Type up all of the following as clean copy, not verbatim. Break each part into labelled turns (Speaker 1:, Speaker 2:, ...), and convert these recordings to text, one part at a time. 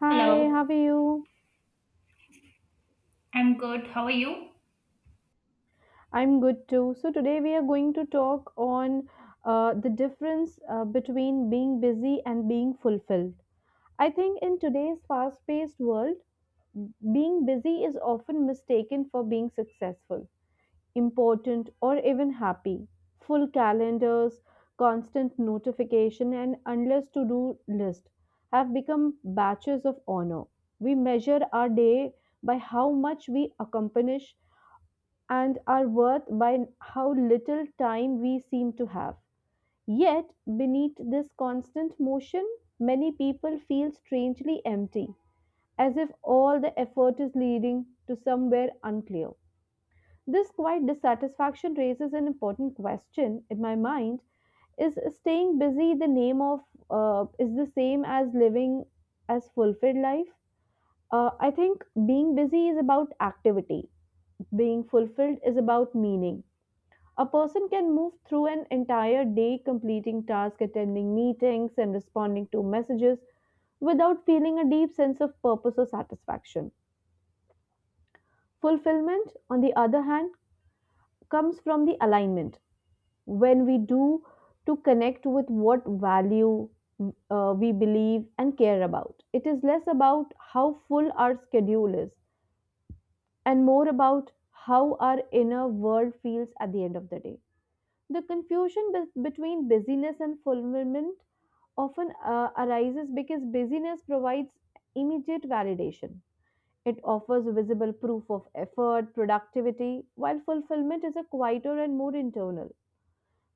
Speaker 1: Hi, how
Speaker 2: Hello,
Speaker 1: are you?
Speaker 2: I'm good. How are you?
Speaker 1: I'm good too. So today we are going to talk on the difference between being busy and being fulfilled. I think in today's fast-paced world, being busy is often mistaken for being successful, important, or even happy. Full calendars, constant notification, and endless to-do list have become batches of honor. We measure our day by how much we accomplish and our worth by how little time we seem to have. Yet, beneath this constant motion, many people feel strangely empty, as if all the effort is leading to somewhere unclear. This quiet dissatisfaction raises an important question in my mind is staying busy the name of is the same as living as fulfilled life. I think being busy is about activity, being fulfilled is about meaning. A person can move through an entire day completing tasks, attending meetings, and responding to messages without feeling a deep sense of purpose or satisfaction. Fulfillment, on the other hand, comes from the alignment when we do to connect with what value we believe and care about. It is less about how full our schedule is and more about how our inner world feels at the end of the day. The confusion between busyness and fulfillment often arises because busyness provides immediate validation. It offers visible proof of effort, productivity, while fulfillment is a quieter and more internal.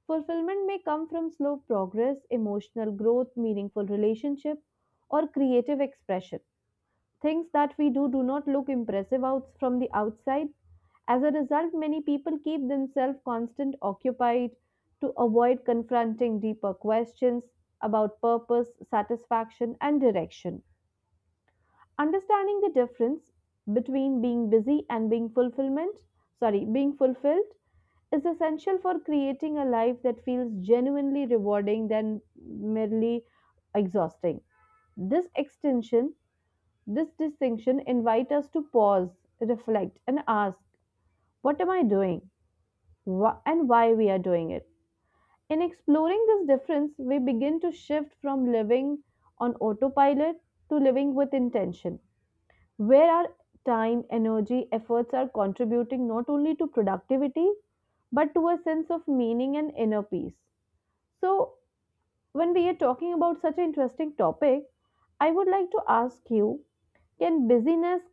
Speaker 1: Fulfillment may come from slow progress, emotional growth, meaningful relationship, or creative expression. Things that we do do not look impressive out from the outside. As a result, many people keep themselves constant occupied to avoid confronting deeper questions about purpose, satisfaction, and direction. Understanding the difference between being busy and being fulfillment, sorry, being fulfilled is essential for creating a life that feels genuinely rewarding than merely exhausting. This extension, this distinction invite us to pause, reflect, and ask, what am I doing? And why we are doing it? In exploring this difference, we begin to shift from living on autopilot to living with intention, where our time, energy, efforts are contributing not only to productivity but to a sense of meaning and inner peace. So, when we are talking about such an interesting topic, I would like to ask you, can busyness,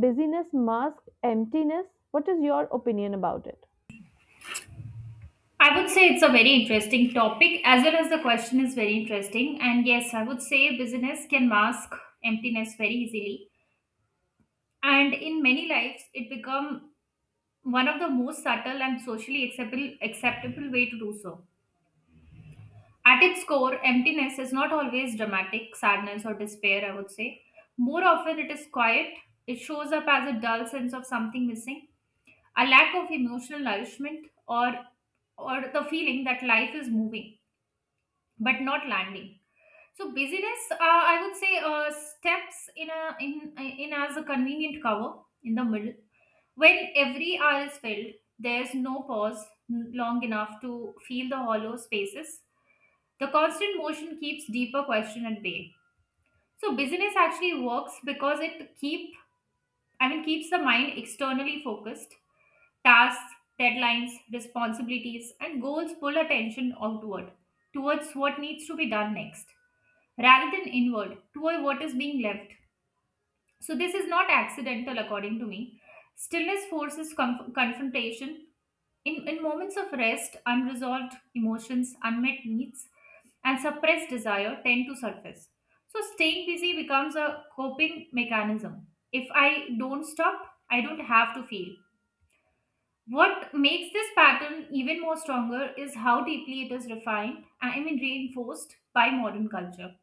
Speaker 1: masks emptiness, what is your opinion about it?
Speaker 2: I would say it's a very interesting topic as well as the question is very interesting. And yes, I would say business can mask emptiness very easily. And in many lives, it become one of the most subtle and socially acceptable way to do so. At its core, emptiness is not always dramatic sadness or despair, I would say. More often it is quiet. It shows up as a dull sense of something missing, a lack of emotional nourishment, or the feeling that life is moving but not landing. So busyness, I would say, steps in a in in as a convenient cover in the middle. When every hour is filled, there's no pause long enough to feel the hollow spaces. The constant motion keeps deeper question at bay. So busyness actually works because it keeps the mind externally focused. Tasks, deadlines, responsibilities, and goals pull attention outward towards what needs to be done next rather than inward toward what is being left. So, this is not accidental, according to me. Stillness forces confrontation. In moments of rest, unresolved emotions, unmet needs, and suppressed desire tend to surface. So, staying busy becomes a coping mechanism. If I don't stop, I don't have to feel. What makes this pattern even more stronger is how deeply it is reinforced by modern culture.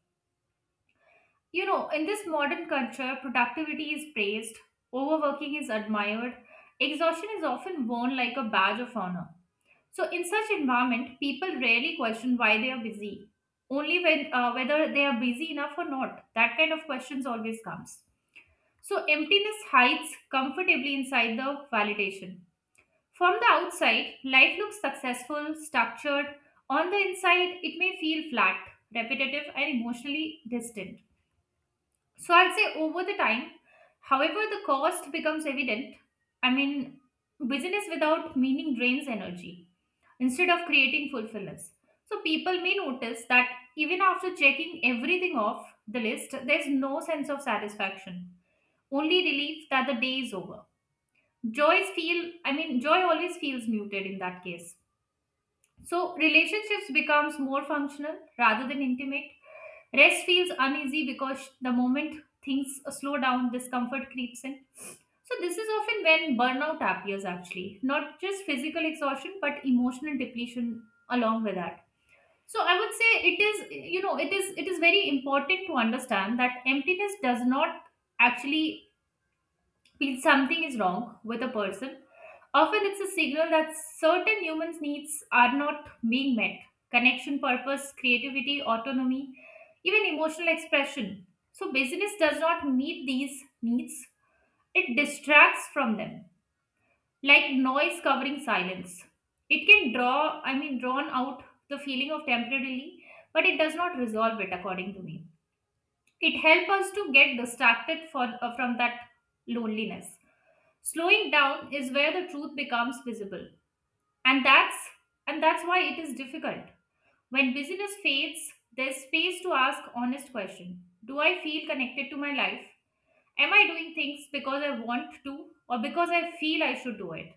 Speaker 2: You know, in this modern culture, productivity is praised, overworking is admired, exhaustion is often worn like a badge of honor. So, in such environment, people rarely question why they are busy, only when, whether they are busy enough or not. That kind of questions always comes. So, emptiness hides comfortably inside the validation. From the outside, life looks successful, structured. On the inside, it may feel flat, repetitive, and emotionally distant. So, I'd say over the time, however, the cost becomes evident. I mean, business without meaning drains energy instead of creating fulfillment. So people may notice that even after checking everything off the list, there's no sense of satisfaction, only relief that the day is over. Joy always feels muted in that case. So relationships becomes more functional rather than intimate. Rest feels uneasy because the moment things slow down, discomfort creeps in. So this is often when burnout appears actually, not just physical exhaustion but emotional depletion along with that. So I would say it is, you know, it is very important to understand that emptiness does not actually mean something is wrong with a person. Often it's a signal that certain humans' needs are not being met. Connection, purpose, creativity, autonomy, even emotional expression. So busyness does not meet these needs, it distracts from them like noise covering silence. It can drawn out the feeling of temporarily, but it does not resolve it, according to me. It helps us to get distracted for, from that loneliness. Slowing down is where the truth becomes visible, and that's why it is difficult. When busyness fades, there's space to ask honest question. Do I feel connected to my life? Am I doing things because I want to or because I feel I should do it?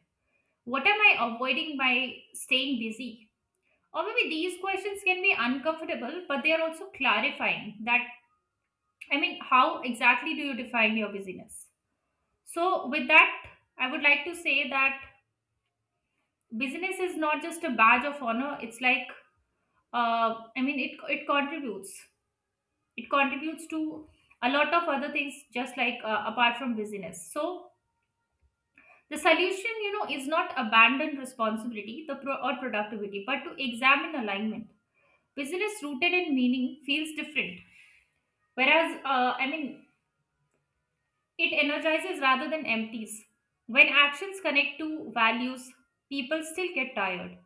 Speaker 2: What am I avoiding by staying busy? Or maybe these questions can be uncomfortable, but they are also clarifying that, I mean, how exactly do you define your busyness? So, with that, I would like to say that busyness is not just a badge of honor, it's like, I mean, it contributes. It contributes to a lot of other things, just like apart from busyness. So, the solution, you know, is not abandon responsibility the or productivity, but to examine alignment. Business rooted in meaning feels different, whereas, I mean, it energizes rather than empties. When actions connect to values, people still get tired,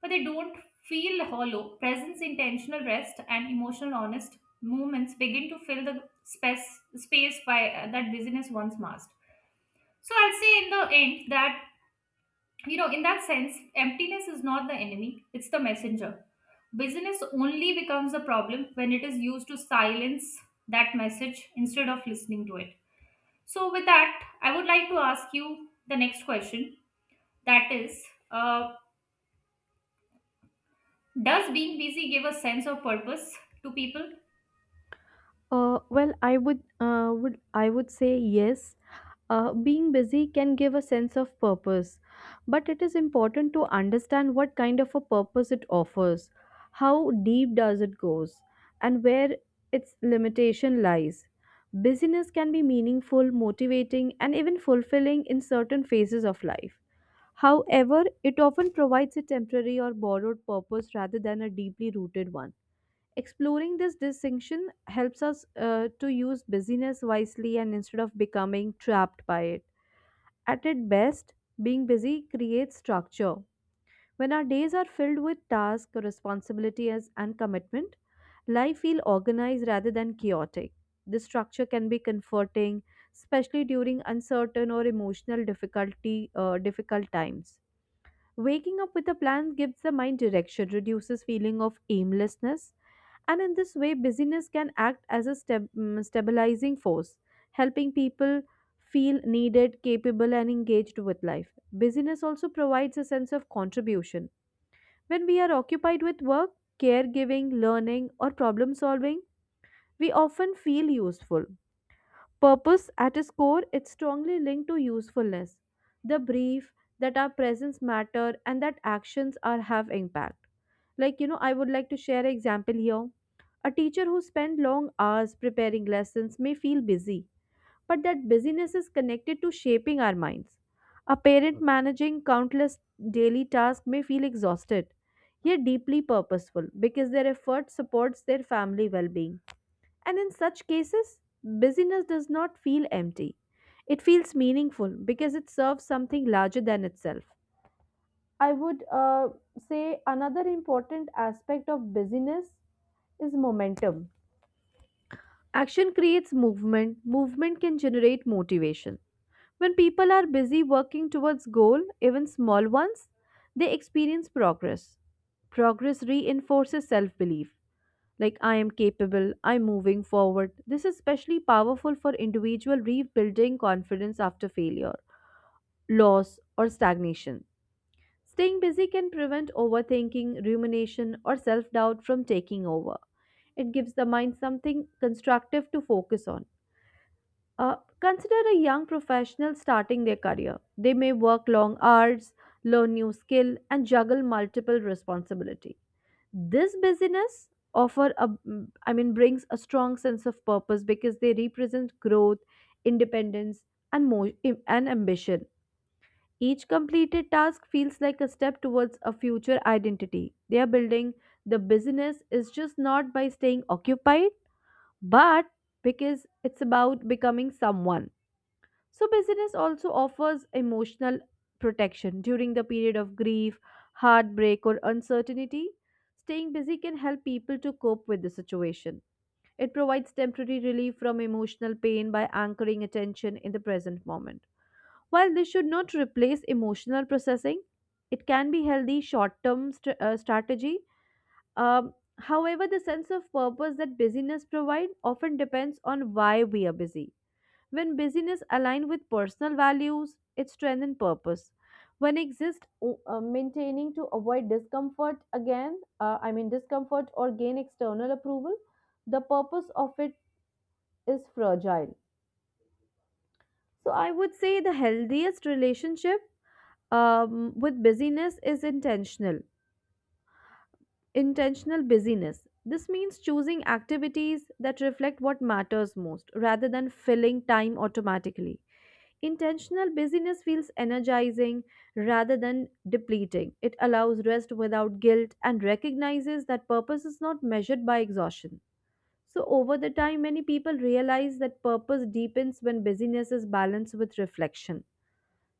Speaker 2: but they don't feel hollow. Presence, intentional rest, and emotional honest movements begin to fill the space, that business once masked. So I'll say in the end that, you know, in that sense emptiness is not the enemy, it's the messenger. Busyness only becomes a problem when it is used to silence that message instead of listening to it. So with that I would like to ask you the next question, that is, uh, does being busy give a sense of purpose to people?
Speaker 1: I would say yes. Being busy can give a sense of purpose, but it is important to understand what kind of a purpose it offers, how deep does it goes, and where its limitation lies. Busyness can be meaningful, motivating, and even fulfilling in certain phases of life. However, it often provides a temporary or borrowed purpose rather than a deeply rooted one. Exploring this distinction helps us to use busyness wisely and instead of becoming trapped by it. At its best, being busy creates structure. When our days are filled with tasks, responsibilities, and commitment, life feels organized rather than chaotic. This structure can be comforting, especially during uncertain or emotional difficulty difficult times. Waking up with a plan gives the mind direction, reduces feeling of aimlessness, and in this way busyness can act as a stabilizing force, helping people feel needed, capable and engaged with life. Busyness also provides a sense of contribution. When we are occupied with work, caregiving, learning or problem solving, we often feel useful. Purpose, at its core, it's strongly linked to usefulness. The brief that our presence matter and that actions are have impact. Like you know, I would like to share an example here. A teacher who spent long hours preparing lessons may feel busy, but that busyness is connected to shaping our minds. A parent managing countless daily tasks may feel exhausted, yet deeply purposeful because their effort supports their family well-being, and in such cases, busyness does not feel empty. It feels meaningful because it serves something larger than itself. I would say another important aspect of busyness is momentum. Action creates movement, movement can generate motivation. When people are busy working towards goal, even small ones, they experience progress. Progress reinforces self-belief, like I am capable, I'm moving forward. This is especially powerful for individual rebuilding confidence after failure, loss, or stagnation. Staying busy can prevent overthinking, rumination, or self doubt from taking over. It gives the mind something constructive to focus on. Consider a young professional starting their career. They may work long hours, learn new skill, and juggle multiple responsibilities. This busyness offer a I mean brings a strong sense of purpose because they represent growth, independence, and mo- and ambition. Each completed task feels like a step towards a future identity they are building. The business is just not by staying occupied but because it's about becoming someone. So, business also offers emotional protection during the period of grief, heartbreak, or uncertainty. Staying busy can help people to cope with the situation. It provides temporary relief from emotional pain by anchoring attention in the present moment. While this should not replace emotional processing, it can be healthy short-term strategy. However, the sense of purpose that busyness provides often depends on why we are busy. When busyness aligns with personal values, it strengthens purpose. When maintaining to avoid discomfort again, I mean discomfort or gain external approval, the purpose of it is fragile. So I would say the healthiest relationship with busyness is intentional. Intentional busyness. This means choosing activities that reflect what matters most rather than filling time automatically. Intentional busyness feels energizing rather than depleting. It allows rest without guilt and recognizes that purpose is not measured by exhaustion. So, over the time, many people realize that purpose deepens when busyness is balanced with reflection.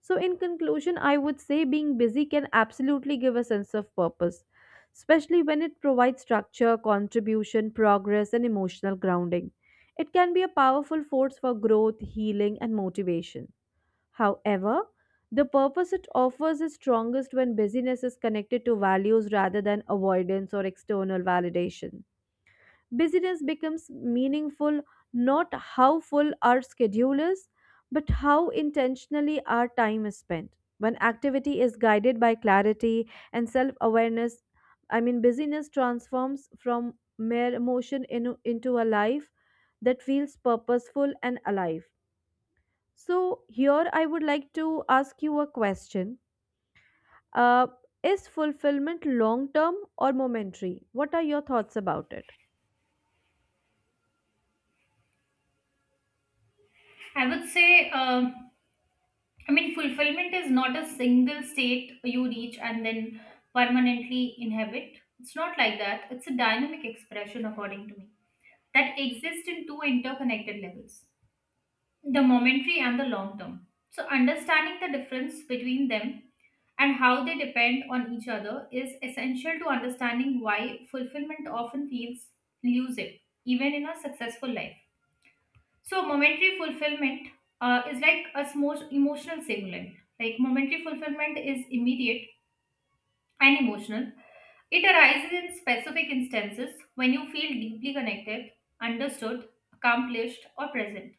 Speaker 1: So, in conclusion, I would say being busy can absolutely give a sense of purpose, especially when it provides structure, contribution, progress, and emotional grounding. It can be a powerful force for growth, healing, and motivation. However, the purpose it offers is strongest when busyness is connected to values rather than avoidance or external validation. Busyness becomes meaningful not how full our schedule is, but how intentionally our time is spent. When activity is guided by clarity and self awareness, I mean, busyness transforms from mere motion into a life that feels purposeful and alive. So, here I would like to ask you a question. Uh, is fulfillment long term or momentary? What are your thoughts about it?
Speaker 2: I would say, I mean, fulfillment is not a single state you reach and then permanently inhabit. It's not like that. It's a dynamic expression, according to me, that exists in two interconnected levels, the momentary and the long term. So, understanding the difference between them and how they depend on each other is essential to understanding why fulfillment often feels elusive, even in a successful life. So momentary fulfillment, is like a small emotional stimulant. Like momentary fulfillment is immediate and emotional. It arises in specific instances when you feel deeply connected, understood, accomplished, or present.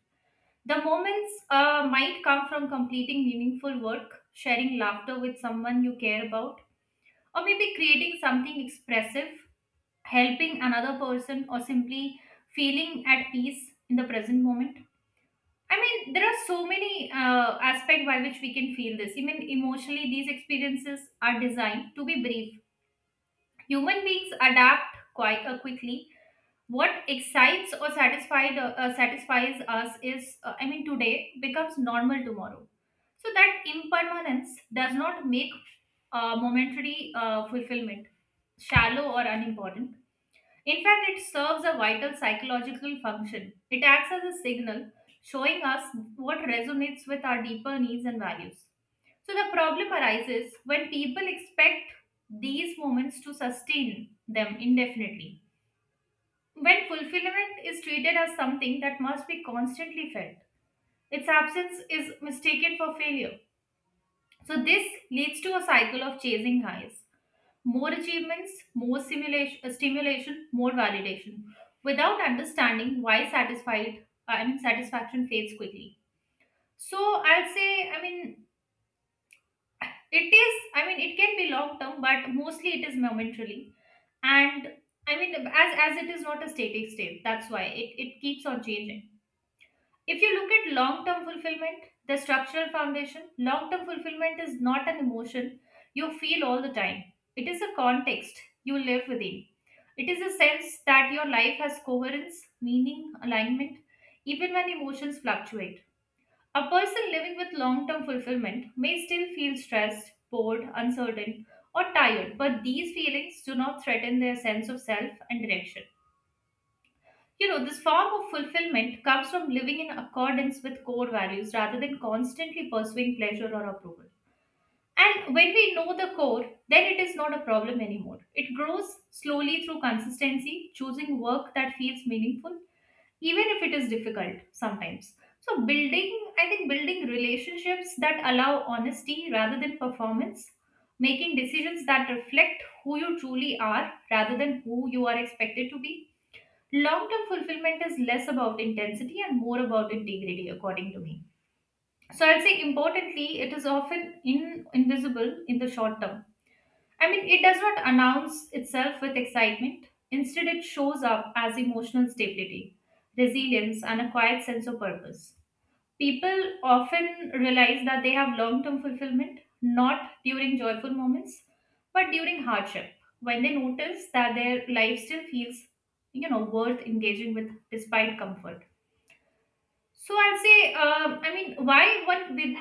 Speaker 2: The moments, might come from completing meaningful work, sharing laughter with someone you care about, or maybe creating something expressive, helping another person, or simply feeling at peace in the present moment. I mean, there are so many aspects by which we can feel this. Even emotionally, these experiences are designed to be brief. Human beings adapt quite quickly. What excites or satisfied satisfies us is, I mean, today becomes normal tomorrow. So that impermanence does not make momentary fulfillment shallow or unimportant. In fact, it serves a vital psychological function. It acts as a signal showing us what resonates with our deeper needs and values. So, the problem arises when people expect these moments to sustain them indefinitely. When fulfillment is treated as something that must be constantly felt, its absence is mistaken for failure. So, this leads to a cycle of chasing highs, more achievements, more stimulation, more validation, without understanding why satisfaction fades quickly. So I'll say, I mean, it is, I mean, it can be long term, but mostly it is momentarily. And I mean, as it is not a static state, that's why it keeps on changing. If you look at long term fulfillment, the structural foundation, long term fulfillment is not an emotion you feel all the time. It is a context you live within. It is a sense that your life has coherence, meaning, alignment, even when emotions fluctuate. A person living with long term fulfillment may still feel stressed, bored, uncertain, or tired, but these feelings do not threaten their sense of self and direction. You know, this form of fulfillment comes from living in accordance with core values rather than constantly pursuing pleasure or approval. And when we know the core, then it is not a problem anymore. It grows slowly through consistency, choosing work that feels meaningful, even if it is difficult sometimes. So, building relationships that allow honesty rather than performance, making decisions that reflect who you truly are rather than who you are expected to be. Long term fulfillment is less about intensity and more about integrity, according to me. So I'd say importantly it is often invisible in the short term. I mean it does not announce itself with excitement. Instead it shows up as emotional stability, resilience and a quiet sense of purpose. People often realize that they have long term fulfillment not during joyful moments, but during hardship, when they notice that their life still feels, you know, worth engaging with despite comfort. So I'll say, um, I mean, why one with,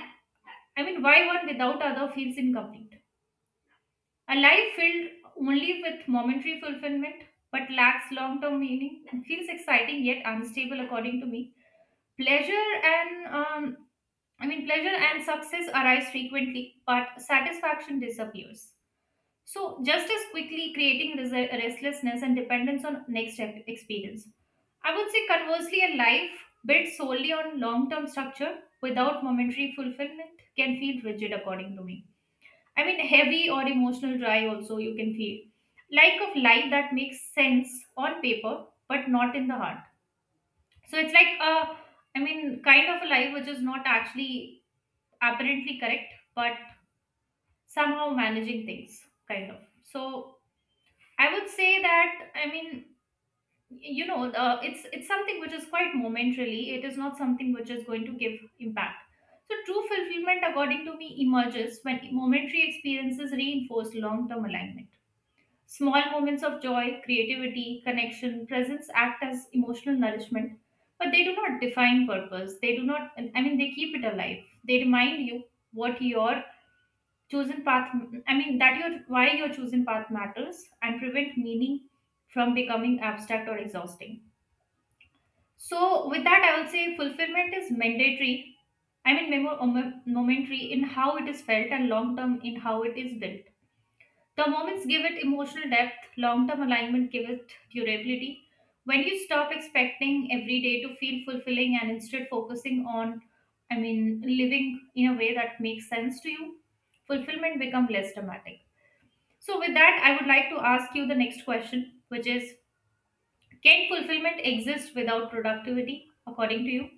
Speaker 2: I mean, why one without other feels incomplete. A life filled only with momentary fulfillment but lacks long term meaning feels exciting yet unstable, according to me. Pleasure and um, Pleasure and success arise frequently, but satisfaction disappears. So, just as quickly creating restlessness and dependence on next experience. I would say, conversely, a life built solely on long term structure without momentary fulfillment can feel rigid, according to me. I mean, heavy or emotional dry, also, you can feel. Like of life that makes sense on paper, but not in the heart. So, it's like a, I mean, kind of a life which is not actually apparently correct, but somehow managing things, kind of. So I would say that, I mean, you know, it's something which is quite momentarily. It is not something which is going to give impact. So true fulfillment, according to me, emerges when momentary experiences reinforce long-term alignment. Small moments of joy, creativity, connection, presence act as emotional nourishment, but they do not define purpose. They do not. I mean, they keep it alive. They remind you what your chosen path that your why your chosen path matters and prevent meaning from becoming abstract or exhausting. So with that, I would say fulfillment is mandatory. Momentary in how it is felt and long term in how it is built. The moments give it emotional depth, long term alignment give it durability. When you stop expecting every day to feel fulfilling and instead focusing on, i mean living in a way that makes sense to you, fulfillment become less dramatic. So, with that, I would like to ask you the next question, which is, can fulfillment exist without productivity, according to you?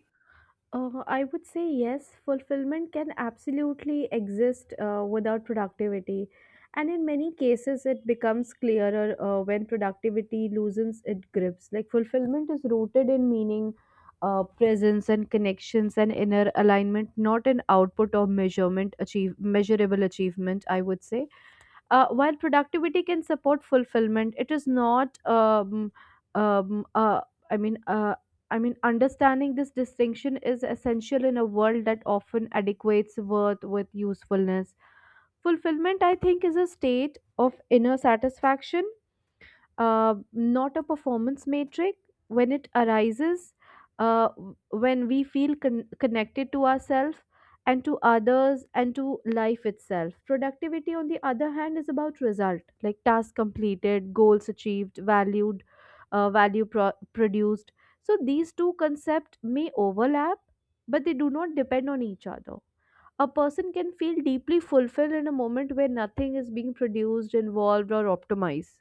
Speaker 1: I would say yes, fulfillment can absolutely exist without productivity. And in many cases, it becomes clearer when productivity loosens its grips. Like fulfillment is rooted in meaning, presence, and connections and inner alignment, not in output or measurement, achieve measurable achievement. I would say, while productivity can support fulfillment, it is not. Um, uh, I mean, uh, Understanding this distinction is essential in a world that often adequates worth with usefulness. Fulfillment, I think, is a state of inner satisfaction, not a performance metric. When it arises, when we feel connected to ourselves and to others and to life itself, productivity on the other hand is about result, like task completed, goals achieved, valued, produced. So these two concepts may overlap but they do not depend on each other. A person can feel deeply fulfilled in a moment where nothing is being produced, involved or optimized.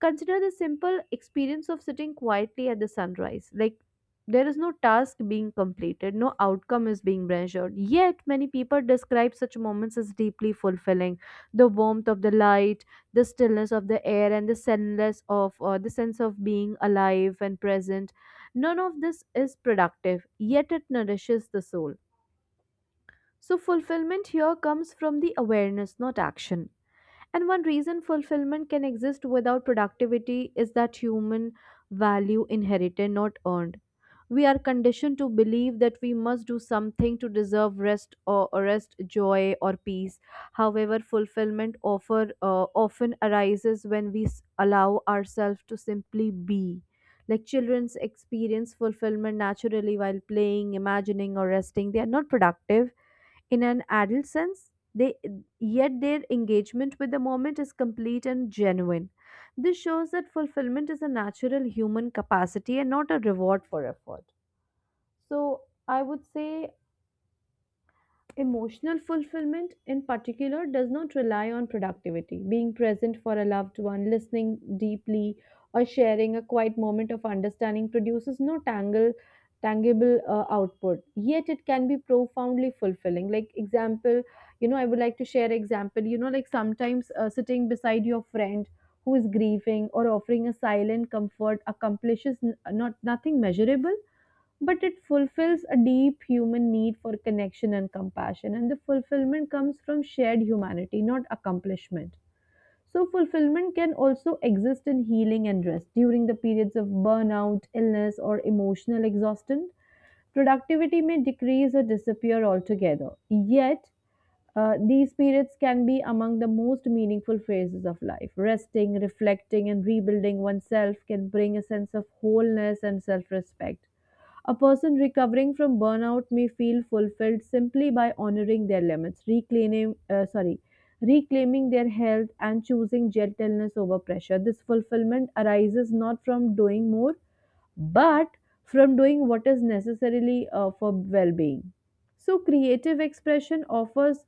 Speaker 1: Consider the simple experience of sitting quietly at the sunrise. Like, there is no task being completed, no outcome is being measured. Yet, many people describe such moments as deeply fulfilling. The warmth of the light, the stillness of the air, and the sense of being alive and present. None of this is productive, yet it nourishes the soul. So, fulfillment here comes from the awareness, not action. And one reason fulfillment can exist without productivity is that human value inherited, not earned. We are conditioned to believe that we must do something to deserve rest, or rest, joy or peace. However, fulfillment offer, often arises when we allow ourselves to simply be. Like children's experience fulfillment naturally while playing, imagining, or resting. They are not productive in an adult sense, they yet their engagement with the moment is complete and genuine. This shows that fulfillment is a natural human capacity and not a reward for effort. So, I would say emotional fulfillment in particular does not rely on productivity. Being present for a loved one, listening deeply, or sharing a quiet moment of understanding produces no tangle tangible output, yet it can be profoundly fulfilling. Like example, you know, I would like to share example, you know, like sometimes sitting beside your friend who is grieving or offering a silent comfort accomplishes not nothing measurable, but it fulfills a deep human need for connection and compassion, and the fulfillment comes from shared humanity, not accomplishment. So fulfillment can also exist in healing and rest during the periods of burnout, illness or emotional exhaustion. Productivity may decrease or disappear altogether, yet these periods can be among the most meaningful phases of life. Resting, reflecting, and rebuilding oneself can bring a sense of wholeness and self respect. A person recovering from burnout may feel fulfilled simply by honoring their limits, reclaiming, sorry, reclaiming their health and choosing gentleness over pressure. This fulfillment arises not from doing more but from doing what is necessarily for well-being. So creative expression offers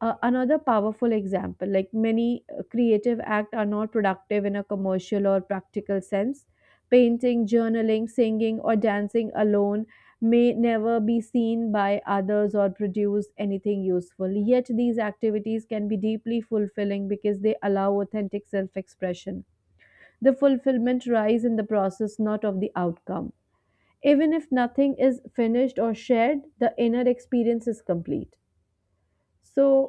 Speaker 1: another powerful example. Like many creative acts are not productive in a commercial or practical sense. Painting, journaling, singing or dancing alone may never be seen by others or produce anything useful, yet these activities can be deeply fulfilling because they allow authentic self-expression. The fulfillment lies in the process, not of the outcome. Even if nothing is finished or shared, the inner experience is complete. So,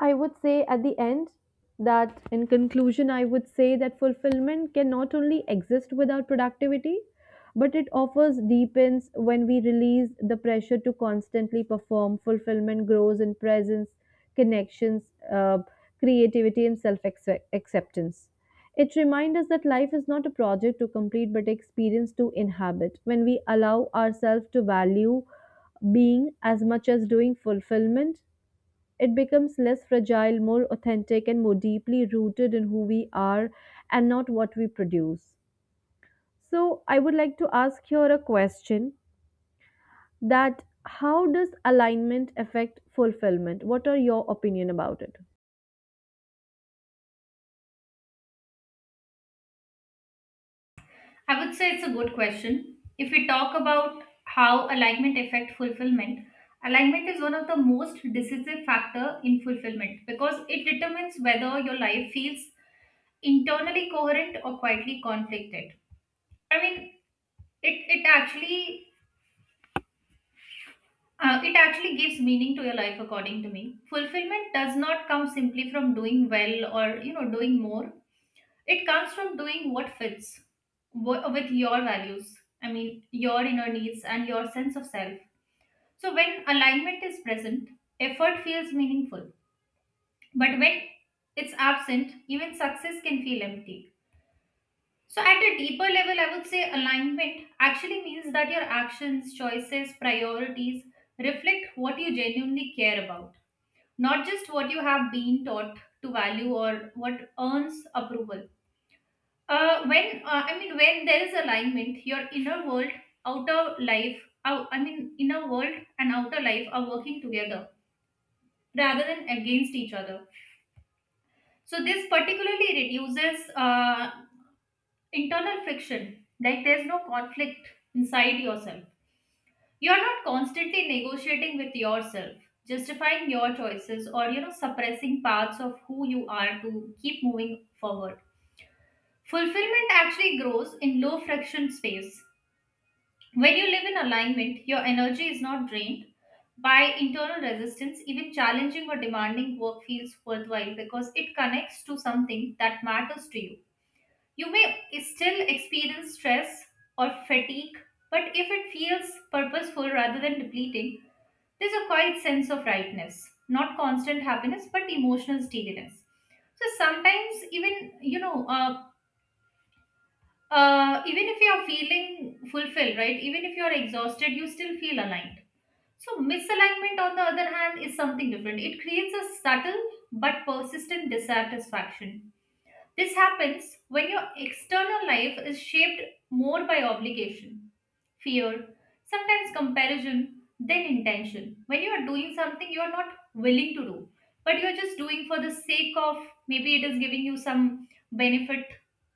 Speaker 1: I would say at the end that, in conclusion, I would say that fulfillment can not only exist without productivity, but it offers deepens when we release the pressure to constantly perform. Fulfillment grows in presence, connections, creativity, and self acceptance. It reminds us that life is not a project to complete but experience to inhabit. When we allow ourselves to value being as much as doing fulfillment, it becomes less fragile, more authentic, and more deeply rooted in who we are and not what we produce. So, I would like to ask here a question, that how does alignment affect fulfillment? What are your opinion about it?
Speaker 2: I would say it's a good question. If we talk about how alignment affect fulfillment, alignment is one of the most decisive factor in fulfillment because it determines whether your life feels internally coherent or quietly conflicted. I mean, it actually, it actually gives meaning to your life, according to me. Fulfillment does not come simply from doing well or, you know, doing more. It comes from doing what fits with your values. I mean, your inner needs and your sense of self. So when alignment is present, effort feels meaningful. But when it's absent, even success can feel empty. So at a deeper level, I would say alignment actually means that your actions, choices, priorities reflect what you genuinely care about, not just what you have been taught to value or what earns approval. When I mean, when there is alignment, your inner world, outer life, I mean, inner world and outer life are working together rather than against each other. So this particularly reduces internal friction. Like, there's no conflict inside yourself. You're not constantly negotiating with yourself, justifying your choices, or, you know, suppressing parts of who you are to keep moving forward. Fulfillment actually grows in low friction space. When you live in alignment, your energy is not drained by internal resistance. Even challenging or demanding work feels worthwhile because it connects to something that matters to you. You may still experience stress or fatigue, but if it feels purposeful rather than depleting, there's a quiet sense of rightness, not constant happiness, but emotional steadiness. So sometimes, even, you know, even if you are feeling fulfilled, right? Even if you are exhausted, you still feel aligned. So misalignment, on the other hand, is something different. It creates a subtle but persistent dissatisfaction. This happens when your external life is shaped more by obligation, fear, sometimes comparison than intention. When you are doing something you are not willing to do, but you are just doing for the sake of, maybe it is giving you some benefit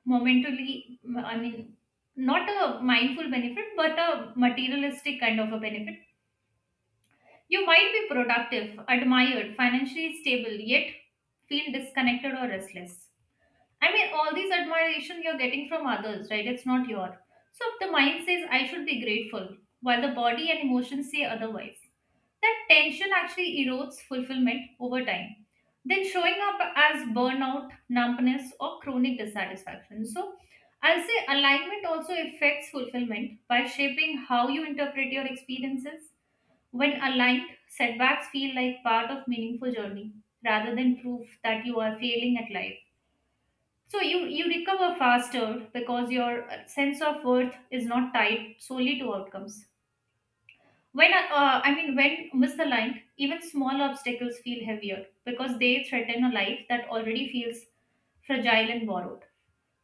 Speaker 2: momentarily, I mean, not a mindful benefit, but a materialistic kind of a benefit. You might be productive, admired, financially stable, yet feel disconnected or restless. I mean, all these admiration you're getting from others, right? It's not your. So if the mind says, I should be grateful, while the body and emotions say otherwise, that tension actually erodes fulfillment over time. Then showing up as burnout, numbness, or chronic dissatisfaction. So I'll say alignment also affects fulfillment by shaping how you interpret your experiences. When aligned, setbacks feel like part of meaningful journey rather than proof that you are failing at life. So you recover faster because your sense of worth is not tied solely to outcomes. When I mean, when misaligned, even small obstacles feel heavier because they threaten a life that already feels fragile and borrowed.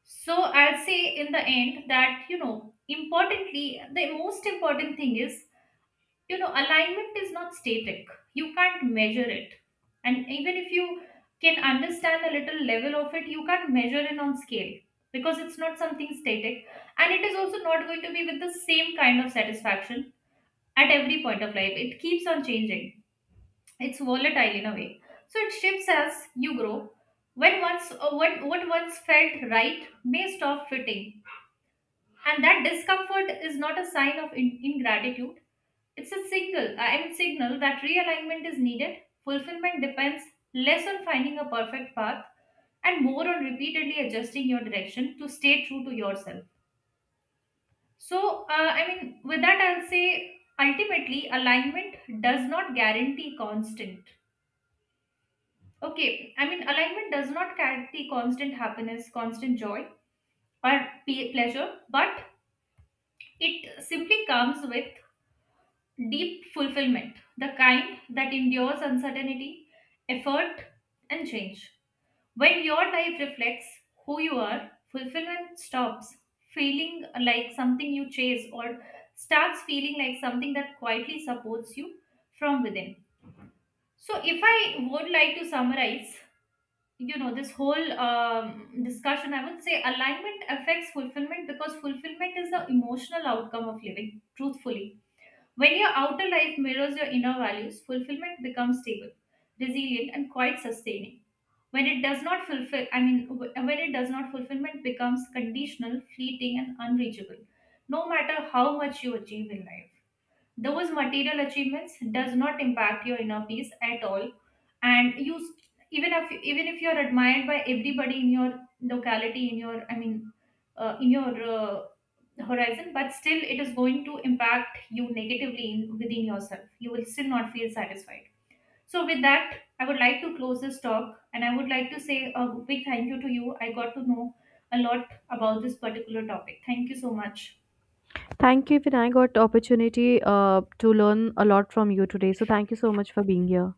Speaker 2: So I'll say in the end that, you know, importantly, the most important thing is, you know, alignment is not static. You can't measure it, and even if you can understand a little level of it, you can't measure it on scale, because it's not something static, and it is also not going to be with the same kind of satisfaction at every point of life. It keeps on changing. It's volatile in a way. So it shifts as you grow. When once, what once felt right may stop fitting, and that discomfort is not a sign of ingratitude. It's a signal, I mean, signal that realignment is needed. Fulfillment depends less on finding a perfect path and more on repeatedly adjusting your direction to stay true to yourself. So, I mean, with that I'll say ultimately alignment does not guarantee constant, okay, I mean, alignment does not guarantee constant happiness, constant joy, or pleasure, but it simply comes with deep fulfillment, the kind that endures uncertainty, effort, and change. When your life reflects who you are, fulfillment stops feeling like something you chase or starts feeling like something that quietly supports you from within. So, if I would like to summarize, you know, this whole discussion, I would say alignment affects fulfillment because fulfillment is the emotional outcome of living truthfully. When your outer life mirrors your inner values, fulfillment becomes stable, resilient, and quite sustaining. When it does not fulfill, I mean, when it does not, fulfillment becomes conditional, fleeting, and unreachable, no matter how much you achieve in life. Those material achievements does not impact your inner peace at all, and you even if you're admired by everybody in your locality, in your, I mean, in your horizon, but still it is going to impact you negatively in, within yourself. You will still not feel satisfied. So with that, I would like to close this talk, and I would like to say a big thank you to you. I got to know a lot about this particular topic. Thank you so much.
Speaker 1: Thank you, even I got opportunity to learn a lot from you today. So thank you so much for being here.